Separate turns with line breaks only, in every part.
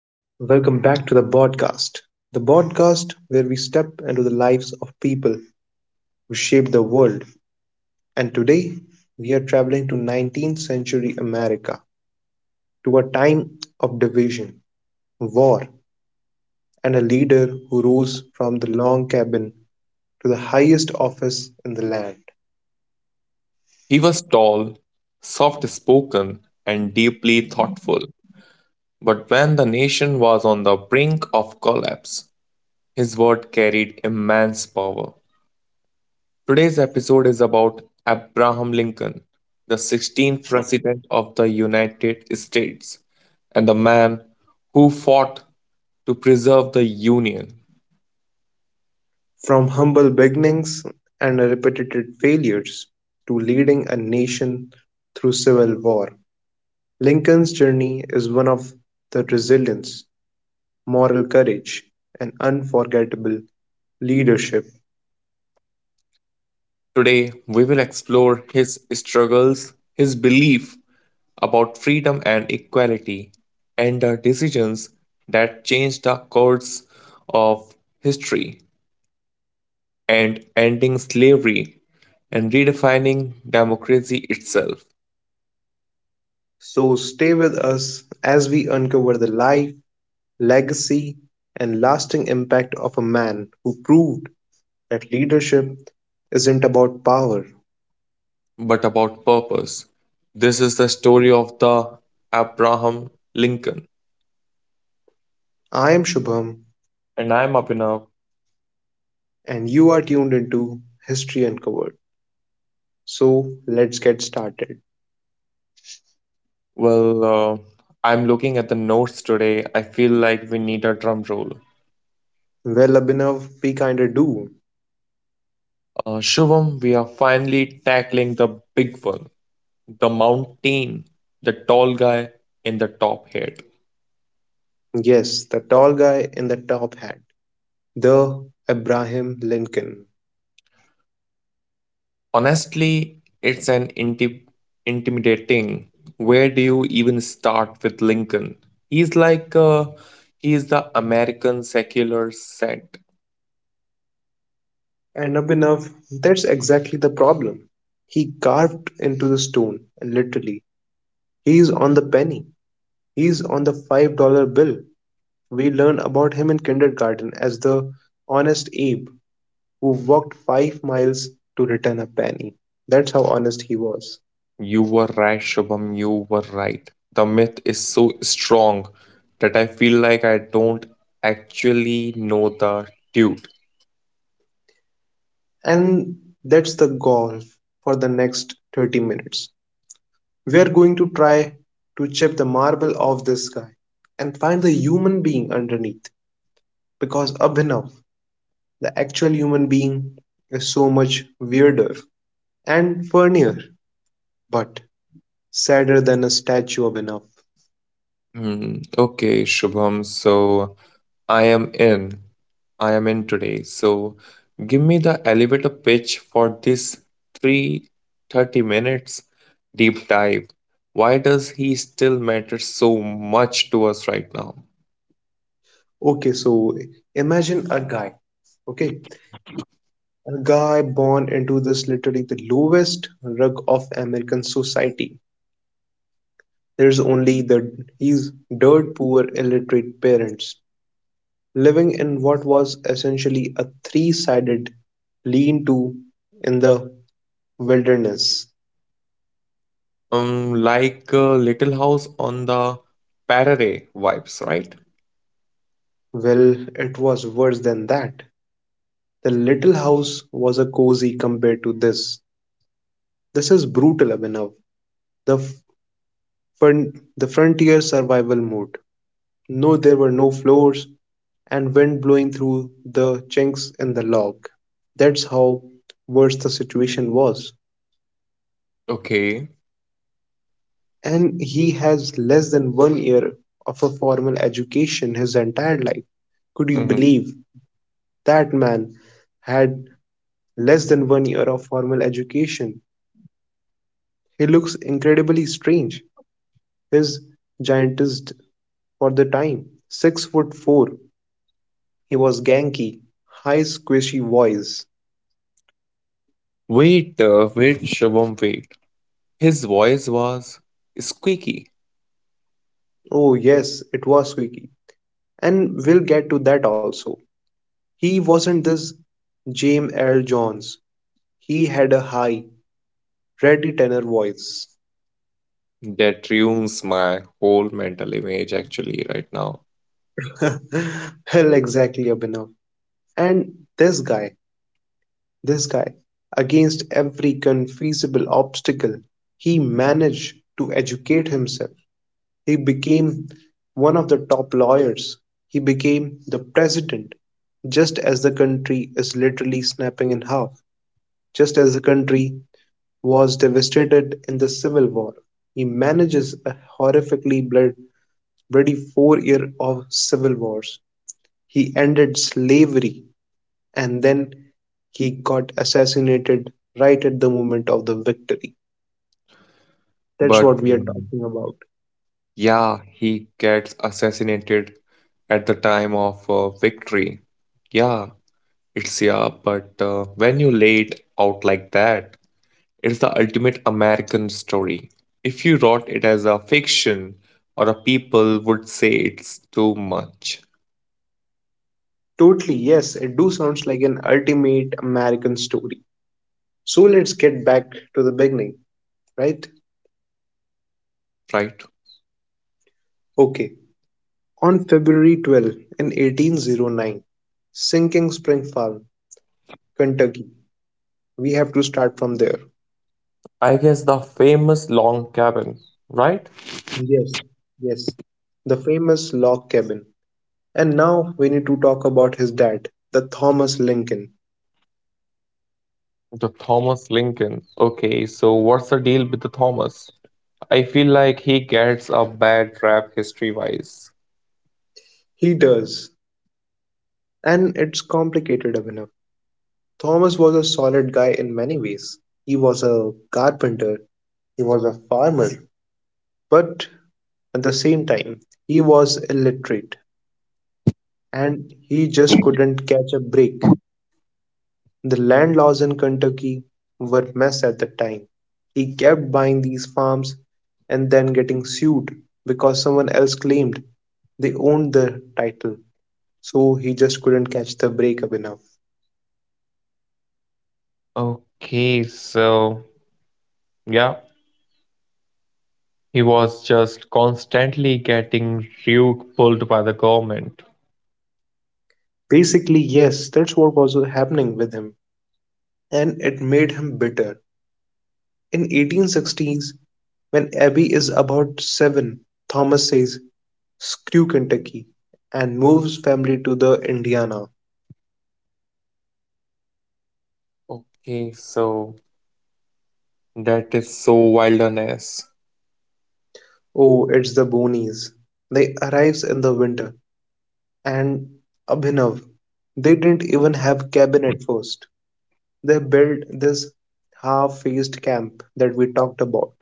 Welcome back to the podcast where we step into the lives of people who shape the world. And today, we are traveling to 19th century America, to a time of division, war, and a leader who rose from the long cabin to the highest office in the land.
He was tall, soft spoken, and deeply thoughtful. But when the nation was on the brink of collapse, his word carried immense power. Today's episode is about Abraham Lincoln, the 16th President of the United States, and the man who fought to preserve the Union.
From humble beginnings and repeated failures to leading a nation through civil war. Lincoln's journey is one of the resilience, moral courage, and unforgettable leadership.
Today, we will explore his struggles, his belief about freedom and equality and the decisions that changed the course of history and ending slavery and redefining democracy itself,
So stay with us as we uncover the life, legacy, and lasting impact of a man who proved that leadership isn't about power.
but about purpose. This is the story of the Abraham Lincoln.
I am Shubham,
And I'm Abhinav.
and you are tuned into History Uncovered. So let's get started.
Well, I'm looking at the notes today. I feel like we need a drum roll.
Well, Abhinav, we kinda do.
Shubham, we are finally tackling the big one, the mountain, the tall guy in the top hat.
Yes, the tall guy in the top hat, the Abraham Lincoln.
Honestly, it's an intimidating. Where do you even start with Lincoln? He's like, he's the American secular saint.
And Abhinav, that's exactly the problem. He carved into the stone, literally. He's on the penny. He's on the $5 bill. We learn about him in kindergarten as the honest Abe who walked 5 miles to return a penny. That's how honest he was.
You were right, Shubham, you were right. The myth is so strong that I feel like I don't actually know the dude.
And that's the goal for the next 30 minutes. We are going to try to chip the marble off this guy and find the human being underneath because Abhinav, the actual human being is so much weirder and funnier, but sadder than a statue of enough.
Hmm, okay, Shubham, so I am in. I am in today. So give me the elevator pitch for this 3 30 minutes deep dive. Why does he still matter so much to us right now?
Okay, so imagine a guy, okay, a guy born into this literally the lowest rug of American society. There's only the his dirt poor illiterate parents living in what was essentially a three-sided lean-to in the wilderness.
Like Little House on the Prairie vibes, right?
Well, it was worse than that. The little house was a cozy compared to this. This is brutal enough. The, the frontier survival mode. No, there were no floors and wind blowing through the chinks in the log. That's how worse the situation was.
Okay.
And he has less than 1 year of a formal education his entire life. Could you
Mhm.
believe that man had less than 1 year of formal education? He looks incredibly strange. His giantized for the time. 6 foot four. He was ganky. High squishy voice.
Wait, wait, Shubham, wait. His voice was squeaky.
Oh yes, it was squeaky. And we'll get to that also. He wasn't this James Earl Jones. He had a high, ready tenor voice.
That ruins my whole mental image actually right now.
Hell exactly Abhinav. And this guy, against every conceivable obstacle, he managed to educate himself. He became one of the top lawyers, he became the president, just as the country is literally snapping in half, just as the country was devastated in the civil war. He manages a horrifically bloody 4 year of civil wars. He ended slavery and then he got assassinated right at the moment of the victory. That's
But
what we are talking about.
yeah, he gets assassinated at the time of victory. Yeah, it's yeah, but when you lay it out like that, it's the ultimate American story. If you wrote it as a fiction, or a people would say it's too much,
Totally, yes, it do sounds like an ultimate American story. So let's get back to the beginning, right?
right?
Okay. On February 12th, in 1809, sinking Spring Farm, Kentucky. We have to start from there.
I guess the famous long cabin, right?
Yes, yes. The famous log cabin. And now we need to talk about his dad, the Thomas Lincoln.
The Thomas Lincoln. Okay, so what's the deal with the Thomas? I feel like he gets a bad rap history wise.
He does. And it's complicated enough. Thomas was a solid guy in many ways. He was a carpenter, he was a farmer, but at the same time, he was illiterate and he just couldn't catch a break. The land laws in Kentucky were a mess at the time. He kept buying these farms and then getting sued because someone else claimed they owned the title. So he just couldn't catch the break up enough.
Okay, so yeah, he was just constantly getting rug pulled by the government.
Basically, yes, that's what was happening with him and it made him bitter. In 1860s, when Abby is about seven, Thomas says screw Kentucky, and moves family to the Indiana.
Okay, so that is so wilderness.
Oh, it's the Bonies. They arrives in the winter, and Abhinav, they didn't even have cabin at first. They built this half-faced camp that we talked about.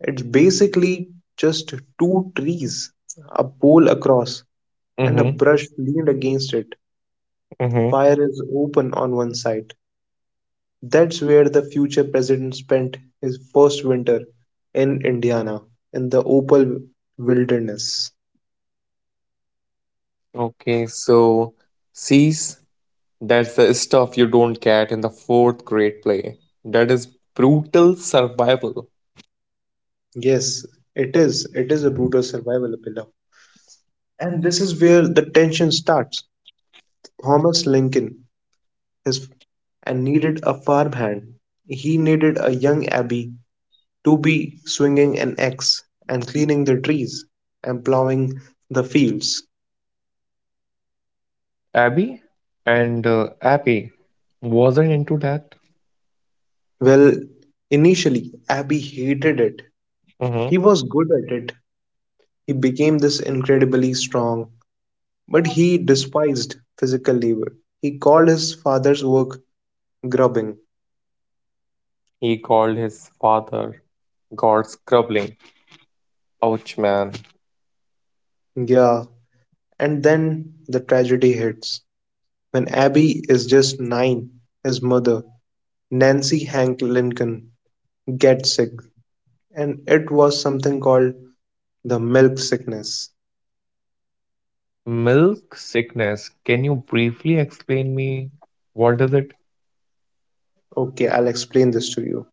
It's basically just two trees, a pole across, and a
Mm-hmm.
brush leaned against it. The
Mm-hmm.
fire is open on one side. That's where the future president spent his first winter, in Indiana, in the Opal Wilderness.
Okay, so cease. That's the stuff you don't get in the fourth grade play. That is brutal survival.
Yes, it is. It is a brutal survival pillow. And this is where the tension starts. Thomas Lincoln his, and needed a farmhand. He needed a young Abby to be swinging an axe and cleaning the trees and plowing the fields.
Abby, Abby wasn't into that.
Well, initially, Abby hated it. He
Hmm.
was good at it. He became this incredibly strong, but he despised physical labor. He called his father's work grubbing.
He called his father God's grumbling. Ouch, man.
Yeah, and then the tragedy hits. When Abby is just nine, his mother, Nancy Hank Lincoln, gets sick, and it was something called the milk sickness.
Milk sickness. Can you briefly explain me what is it?
Okay, I'll explain this to you.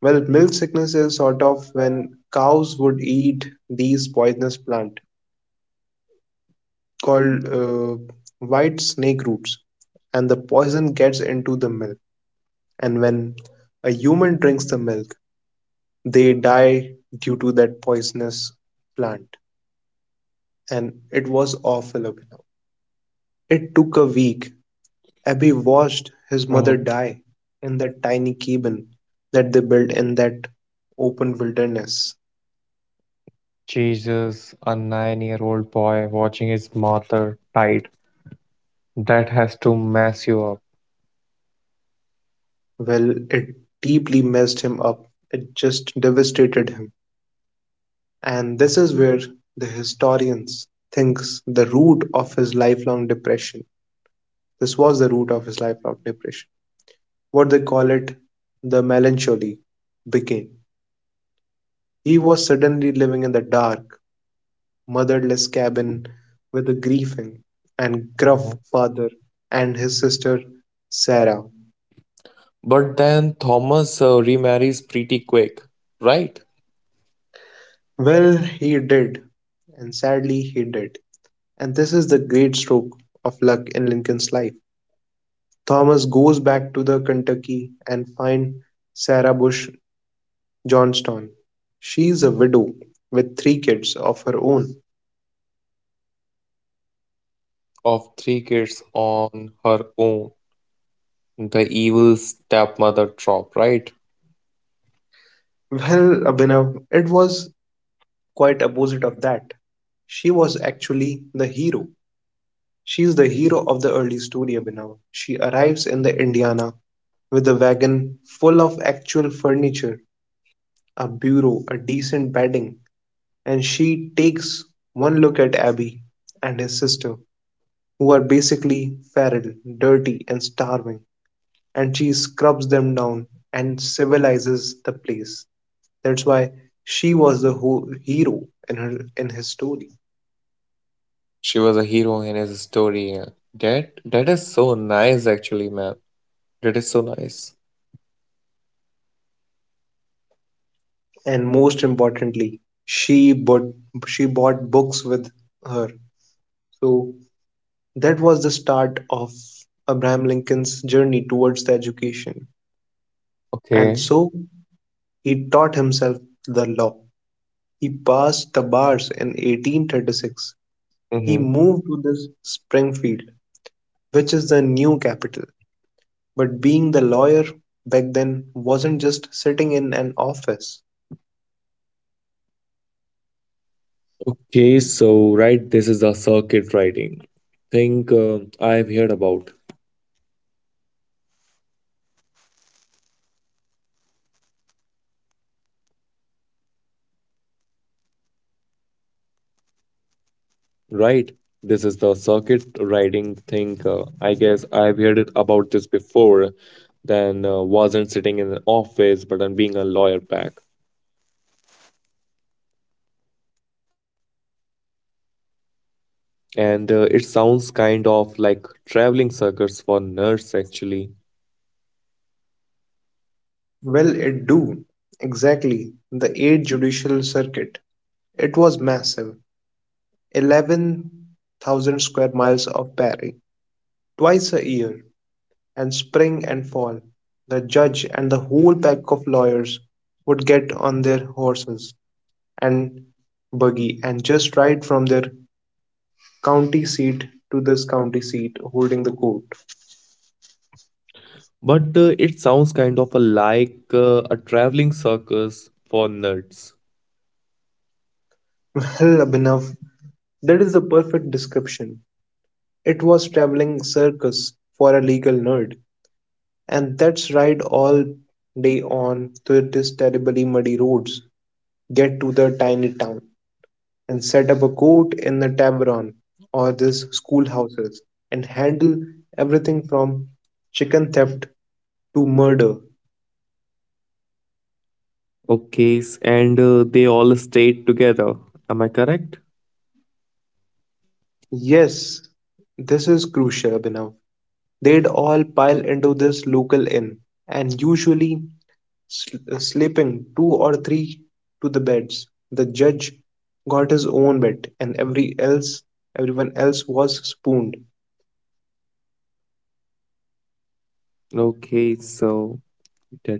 Well, milk sickness is sort of when cows would eat these poisonous plant. Called white snake roots, and the poison gets into the milk. And when a human drinks the milk, they die due to that poisonous plant. And it was awful, Abhinav. It took a week. Abhi watched his mother
Hmm.
die in that tiny cabin that they built in that open wilderness.
Jesus, a 9-year-old boy watching his mother died. That has to mess you up.
Well, it deeply messed him up. It just devastated him. And this is where the historians thinks the root of his lifelong depression. This was the root of his lifelong depression. What they call it, the melancholy became. He was suddenly living in the dark, motherless cabin with a grieving and gruff
Mhm.
father and his sister Sarah.
But then Thomas remarries pretty quick, right?
Well, he did, and sadly he did. And this is the great stroke of luck in Lincoln's life. Thomas goes back to the Kentucky and finds Sarah Bush Johnston. She is a widow with three kids of her own.
Of three kids on her own. The evil stepmother trope, right?
Well, Abhinav, it was quite opposite of that. She was actually the hero. She is the hero of the early story, Abhinav. She arrives in the Indiana with a wagon full of actual furniture, a bureau, a decent bedding, and she takes one look at Abby and his sister who are basically feral, dirty, and starving, and she scrubs them down and civilizes the place. That's why she was the hero in her in his story.
She was a hero in his story. Yeah. That is so nice, actually, man. That is so nice.
And most importantly, she bought she bought books with her. So that was the start of Abraham Lincoln's journey towards the education. And
Okay.
so he taught himself the law. He passed the bars in 1836. He
Mm-hmm.
moved to the Springfield, which is the new capital, but being the lawyer back then wasn't just sitting in an office.
Okay, so right, this is the circuit riding. Think I've heard about, right? This is the circuit riding thing. I guess I've heard it about this before. Then wasn't sitting in an office, but I'm being a lawyer back. And it sounds kind of like traveling circus for nerds actually.
Well, it do. Exactly. The Eighth Judicial Circuit. It was massive. 11,000 square miles of Paris. Twice a year, and spring and fall, the judge and the whole pack of lawyers would get on their horses and buggy and just ride from their county seat to this county seat holding the court.
But it sounds kind of like a traveling circus for nerds.
Well, Abhinav, that is the perfect description. It was traveling circus for a legal nerd. And that's us ride all day on through these terribly muddy roads, get to the tiny town, and set up a court in the tavern or these schoolhouses, and handle everything from chicken theft to murder.
Okay, and they all stayed together, am I correct?
Yes, this is crucial, Abhinav. They'd all pile into this local inn, and usually slipping two or three to the beds, the judge got his own bed, and everyone else was spooned.
Okay, so that was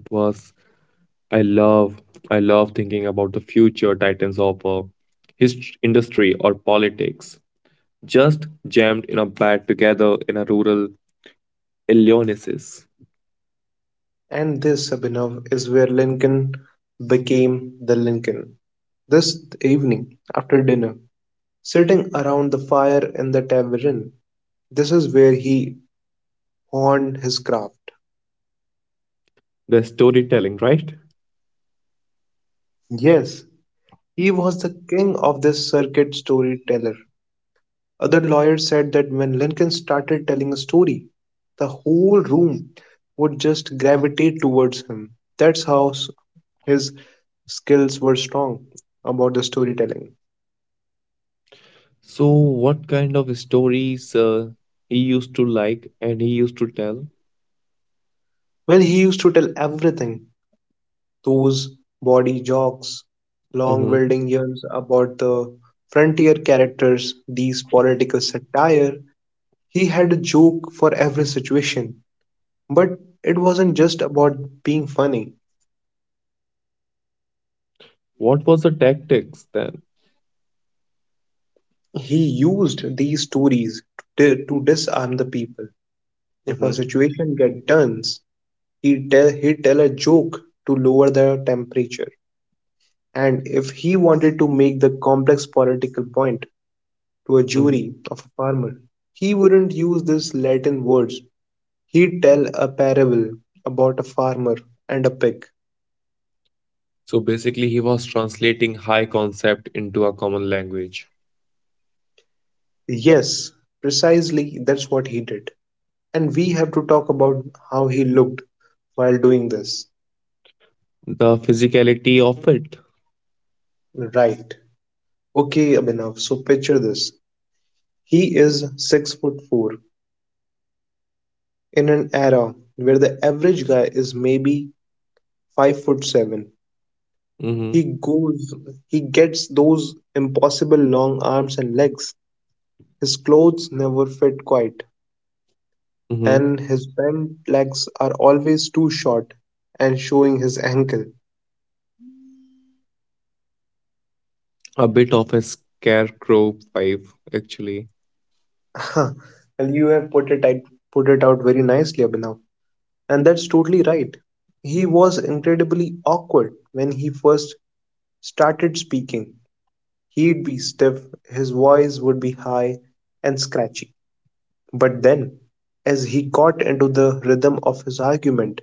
I love, thinking about the future titans of his industry or politics just jammed in a bed together in a rural Illinois.
And this, Abhinav, is where Lincoln became the Lincoln. This evening, after dinner, sitting around the fire in the tavern, this is where he honed his craft.
The storytelling, right?
Yes, he was the king of this circuit storyteller. Other lawyers said that when Lincoln started telling a story, the whole room would just gravitate towards him. That's how his skills were strong about the storytelling.
So, what kind of stories he used to like and he used to tell?
Well, he used to tell everything those body jokes, long
Hmm.
wielding yarns about the frontier characters, these political satire. He had a joke for every situation, but it wasn't just about being funny.
What was the tactics then?
He used these stories to, to disarm the people. If a
Hmm.
situation get tense, he tell a joke to lower the temperature. And if he wanted to make the complex political point to a jury of a farmer, he wouldn't use these Latin words. He'd tell a parable about a farmer and a pig.
So basically, he was translating high concept into a common language.
Yes, precisely that's what he did. And we have to talk about how he looked while doing this.
The physicality of it.
Right. Okay, Abhinav, so picture this. He is 6 foot four. In an era where the average guy is maybe 5 foot seven, he
Hmm.
goes he gets those impossible long arms and legs. His clothes never fit quite,
Hmm.
and his bent legs are always too short and showing his ankle.
A bit of a scarecrow vibe, actually.
Well, you have put it out very nicely, Abhinav. And that's totally right. He was incredibly awkward when he first started speaking, he'd be stiff, his voice would be high and scratchy. But then, as he got into the rhythm of his argument,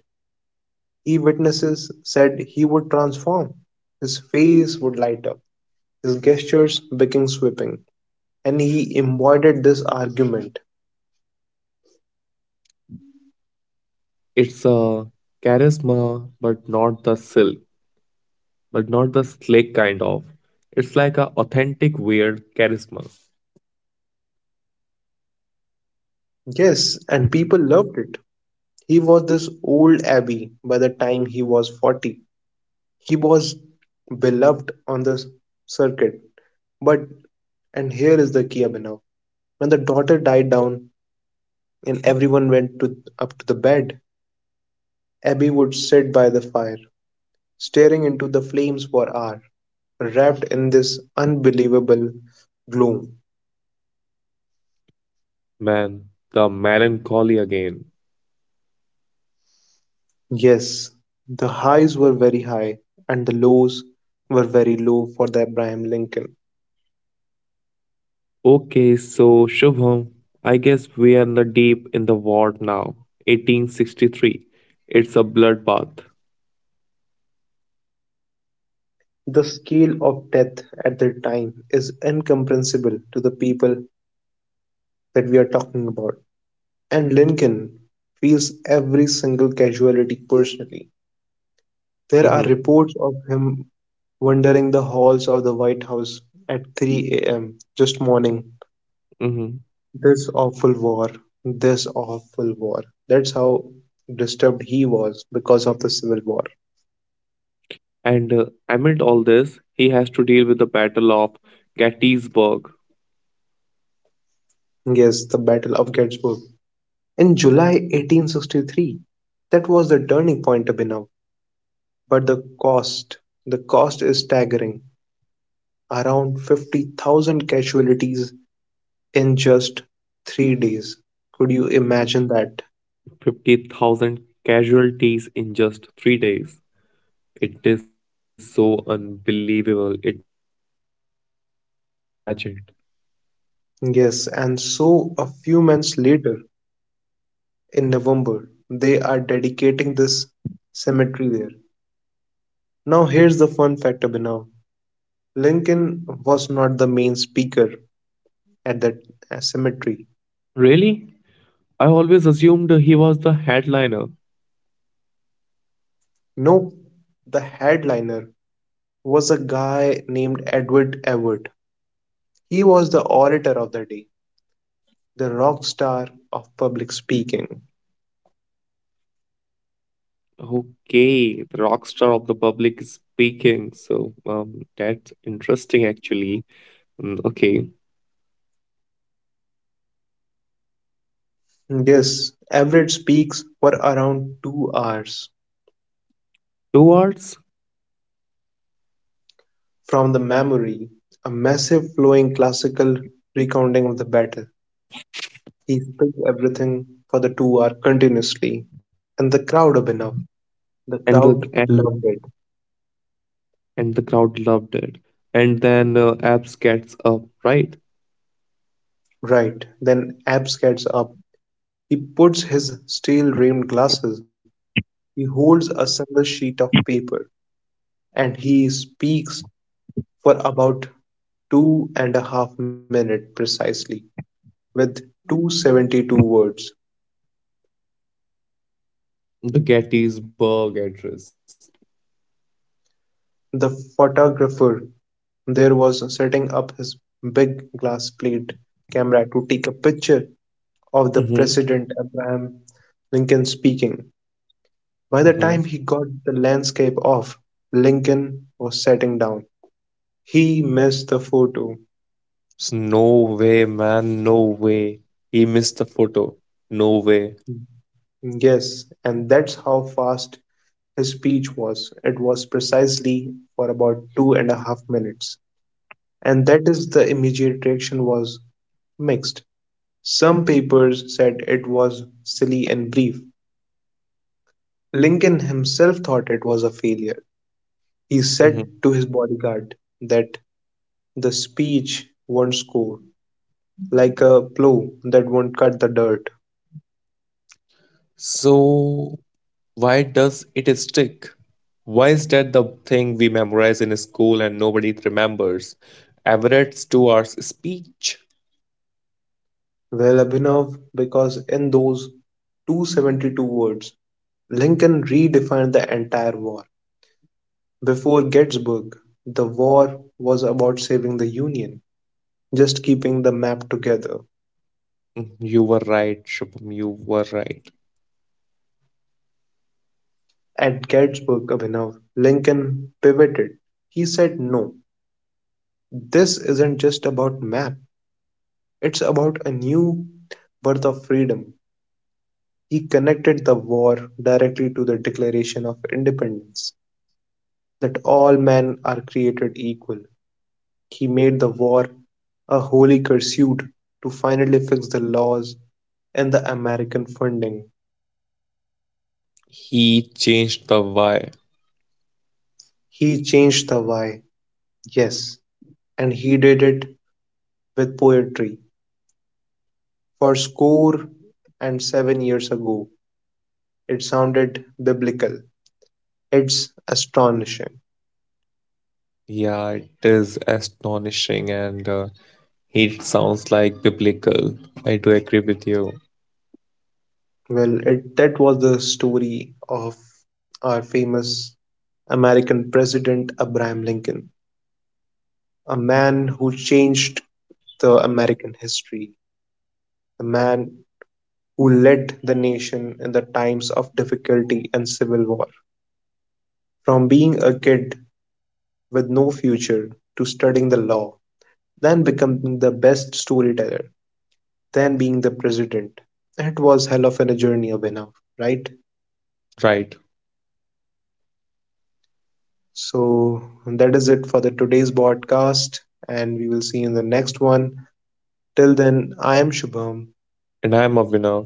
e-witnesses said he would transform. His face would light up, his gestures became sweeping, and he embodied this argument.
It's a charisma, but not the silk, but not the slick kind of. It's like a authentic weird charisma.
Yes, and people loved it. He was this old abbey by the time he was 40. He was beloved on the circuit, but and here is the key, Abhinav. When the daughter died down and everyone went up to the bed, Abby would sit by the fire, staring into the flames for hours, wrapped in this unbelievable gloom.
Man, the melancholy again.
Yes, the highs were very high, and the lows were very low for the Abraham Lincoln.
Okay, so Shubham, I guess we are in the deep in the war now. 1863. It's a bloodbath.
The scale of death at that time is incomprehensible to the people that we are talking about. And Lincoln feels every single casualty personally. There are
Mm-hmm,
reports of him wandering the halls of the White House at 3 a.m. just mourning,
mm-hmm.
this awful war, this awful war. That's how disturbed he was because of the Civil War.
And amid all this, he has to deal with the Battle of Gettysburg.
Yes, the Battle of Gettysburg. In July 1863, that was the turning point, Abhinav. But the cost is staggering. Around 50,000 casualties in just 3 days. Could you imagine that?
50,000 casualties in just 3 days. It is so unbelievable. It is so unimagined.
Yes, and so a few months later, in November, they are dedicating this cemetery there. Now, here's the fun fact, Abhinav. Lincoln was not the main speaker at that cemetery.
Really? I always assumed he was the headliner.
No, the headliner was a guy named Edward Everett. He was the orator of the day, the rock star of public speaking.
Okay, the rock star of the public is speaking. So, that's interesting actually. Mm, okay,
Yes, Everett speaks for around 2 hours
two words,
from the memory, a massive flowing classical recounting of the battle. He speaks everything for the 2 hour continuously, and the crowd up enough. The
and
crowd
the and,
loved it.
and the crowd loved it. And then Abs gets up, right?
Right, then Abs gets up. He puts his steel rimmed glasses, he holds a single sheet of paper, and he speaks for about two and a half minutes precisely, with 272 words.
The Gettysburg Address.
The photographer there was setting up his big glass plate camera to take a picture of the
Mm-hmm.
President Abraham Lincoln speaking. By the
Mm-hmm.
time he got the landscape off, Lincoln was sitting down. He missed the photo.
So no way, man, no way. He missed the photo. No way.
Yes, and that's how fast his speech was. It was precisely for about two and a half minutes. And that is, the immediate reaction was mixed. Some papers said it was silly and brief. Lincoln himself thought it was a failure. He
Mm-hmm.
said to his bodyguard that the speech won't score, like a plow that won't cut the dirt.
So, why does it stick? Why is that the thing we memorize in school and nobody remembers? Everett Stewart's speech.
Well, Abhinav, because in those 272 words, Lincoln redefined the entire war. Before Gettysburg, the war was about saving the Union, just keeping the map together.
Mm, you were right, Shubham. You were right.
At Gettysburg, Abhinav, Lincoln pivoted. He said, "No, this isn't just about map, it's about a new birth of freedom." He connected the war directly to the Declaration of Independence, that all men are created equal. He made the war a holy pursuit to finally fix the laws and the American funding.
He changed the why.
He changed the why, yes, and he did it with poetry. For score and seven years ago, it sounded biblical. It's astonishing.
Yeah, it is astonishing, and it sounds like biblical. I do agree with you.
Well, that was the story of our famous American president Abraham Lincoln, a man who changed the American history, a man who led the nation in the times of difficulty and civil war. From being a kid with no future to studying the law, then becoming the best storyteller, then being the president. It was hell of a journey, Abhinav, right?
Right.
So that is it for the today's podcast, and we will see you in the next one. Till then, I am Shubham,
And I'm a winner.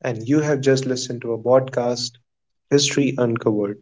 and you have just listened to a podcast, History Uncovered.